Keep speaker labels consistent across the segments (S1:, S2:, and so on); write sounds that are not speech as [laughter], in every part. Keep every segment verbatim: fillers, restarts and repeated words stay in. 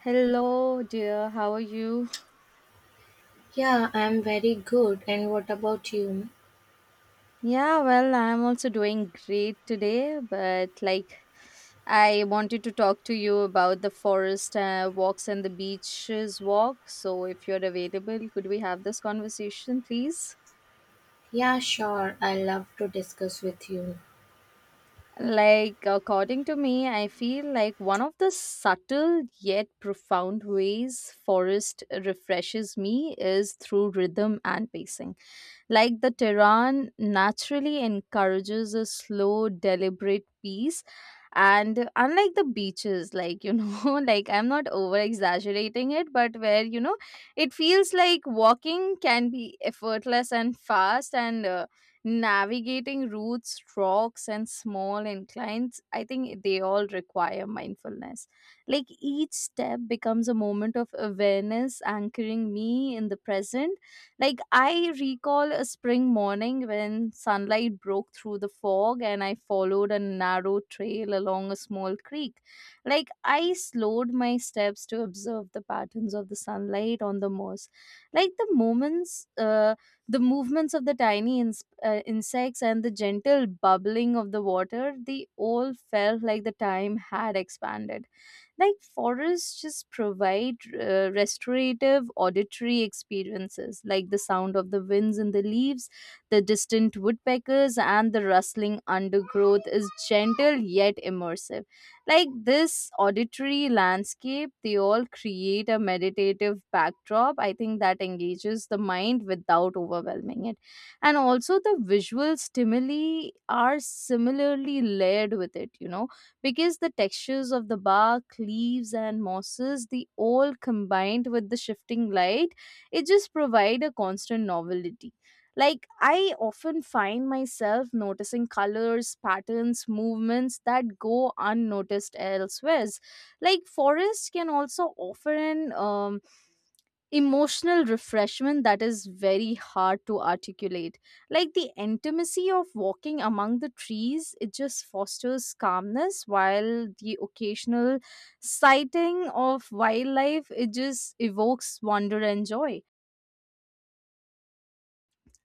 S1: Hello, dear. How are you?
S2: Yeah, I'm very good. And what about you?
S1: Yeah, well, I'm also doing great today, but like I wanted to talk to you about the forest uh, walks and the beaches walk. So, if you're available, could we have this conversation, please?
S2: Yeah, sure. I love to discuss with you.
S1: Like, according to me, I feel like one of the subtle yet profound ways forest refreshes me is through rhythm and pacing. Like the Tehran naturally encourages a slow, deliberate peace. And unlike the beaches, like, you know, [laughs] like I'm not over exaggerating it, but where, you know, it feels like walking can be effortless and fast, and uh, navigating routes, rocks, and small inclines, I think they all require mindfulness. Like each step becomes a moment of awareness, anchoring me in the present. Like I recall a spring morning when sunlight broke through the fog and I followed a narrow trail along a small creek. Like I slowed my steps to observe the patterns of the sunlight on the moss. Like the moments uh, the movements of the tiny ins- uh, insects and the gentle bubbling of the water, they all felt like the time had expanded. Like forests just provide uh, restorative auditory experiences, like the sound of the winds in the leaves, the distant woodpeckers, and the rustling undergrowth is gentle yet immersive. Like this auditory landscape, they all create a meditative backdrop, I think, that engages the mind without overwhelming it. And also the visual stimuli are similarly layered with it, you know, because the textures of the bark, leaves, and mosses, the all combined with the shifting light, it just provide a constant novelty. Like I often find myself noticing colors, patterns, movements that go unnoticed elsewhere. Like forests can also offer an um, emotional refreshment that is very hard to articulate. Like the intimacy of walking among the trees, it just fosters calmness, while the occasional sighting of wildlife, it just evokes wonder and joy.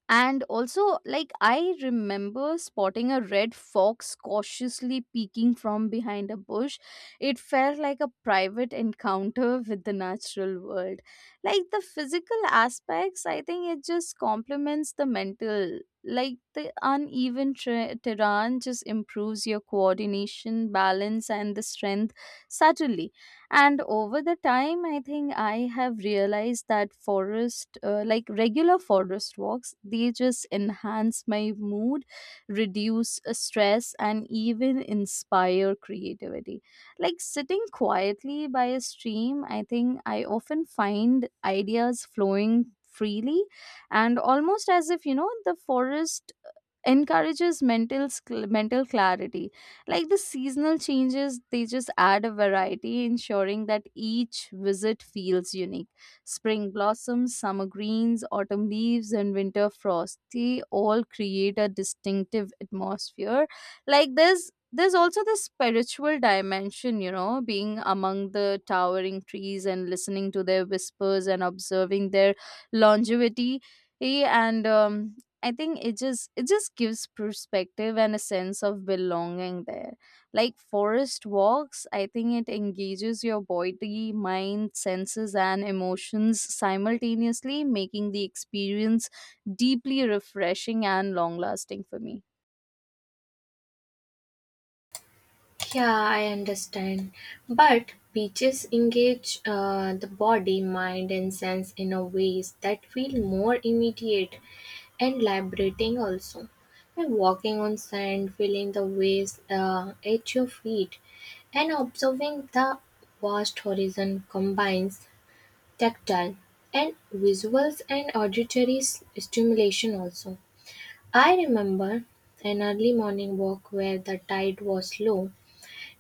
S1: And also, like, I remember spotting a red fox cautiously peeking from behind a bush. It felt like a private encounter with the natural world. Like, the physical aspects, I think it just complements the mental. Like, the uneven tra- terrain just improves your coordination, balance, and the strength subtly. And over the time, I think I have realized that forest, uh, like regular forest walks, they just enhance my mood, reduce uh, stress, and even inspire creativity. Like sitting quietly by a stream, I think I often find ideas flowing freely, and almost as if, you know, the forest encourages mental sc- mental clarity. Like the seasonal changes, they just add a variety, ensuring that each visit feels unique. Spring blossoms, summer greens, autumn leaves, and winter frost, they all create a distinctive atmosphere. Like there's there's also this spiritual dimension, you know, being among the towering trees and listening to their whispers and observing their longevity. Eh, and um, I think it just it just gives perspective and a sense of belonging there. Like forest walks, I think it engages your body, mind, senses, and emotions simultaneously, making the experience deeply refreshing and long lasting for me.
S2: Yeah, I understand. But beaches engage uh, the body, mind, and sense in a ways that feel more immediate and liberating also. By walking on sand, feeling the waves uh, at your feet, and observing the vast horizon combines tactile, and visuals and auditory s- stimulation also. I remember an early morning walk where the tide was low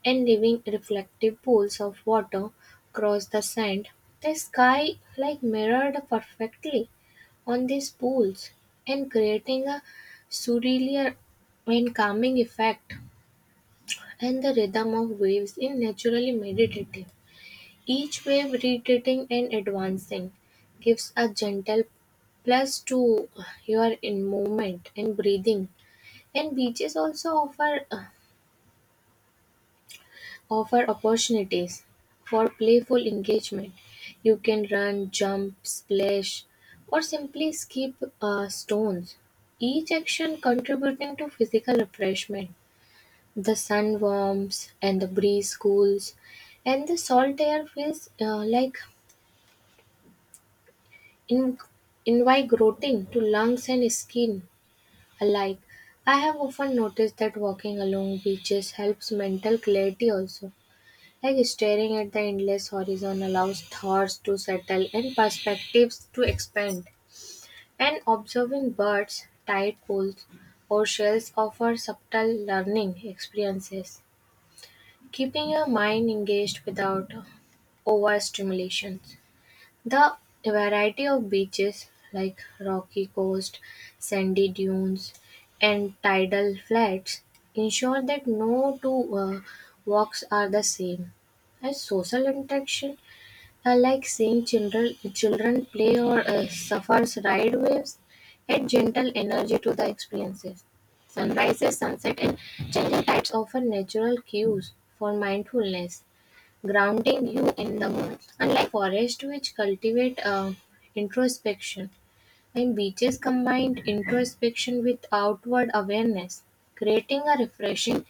S2: and leaving reflective pools of water across the sand. The sky like mirrored perfectly on these pools and creating a surreal and calming effect, and the rhythm of waves in naturally meditative. Each wave retreating and advancing gives a gentle plus to your in movement and breathing. And beaches also offer offer opportunities for playful engagement. You can run, jump, splash, or simply skip uh, stones. Each action contributing to physical refreshment. The sun warms and the breeze cools, and the salt air feels uh, like In- invigorating to lungs and skin alike. I have often noticed that walking along beaches helps mental clarity also. Like staring at the endless horizon allows thoughts to settle and perspectives to expand. And observing birds, tide pools, or shells offer subtle learning experiences, keeping your mind engaged without overstimulation. The variety of beaches, like rocky coast, sandy dunes, and tidal flats, ensure that no two uh, walks are the same. As social interaction, uh, like seeing children children play or uh, surfers ride waves, add gentle energy to the experiences. Sunrises, sunset, and changing tides offer natural cues for mindfulness grounding you in the moment. Unlike forests, which cultivate uh, introspection, and beaches combined introspection with outward awareness, creating a refreshing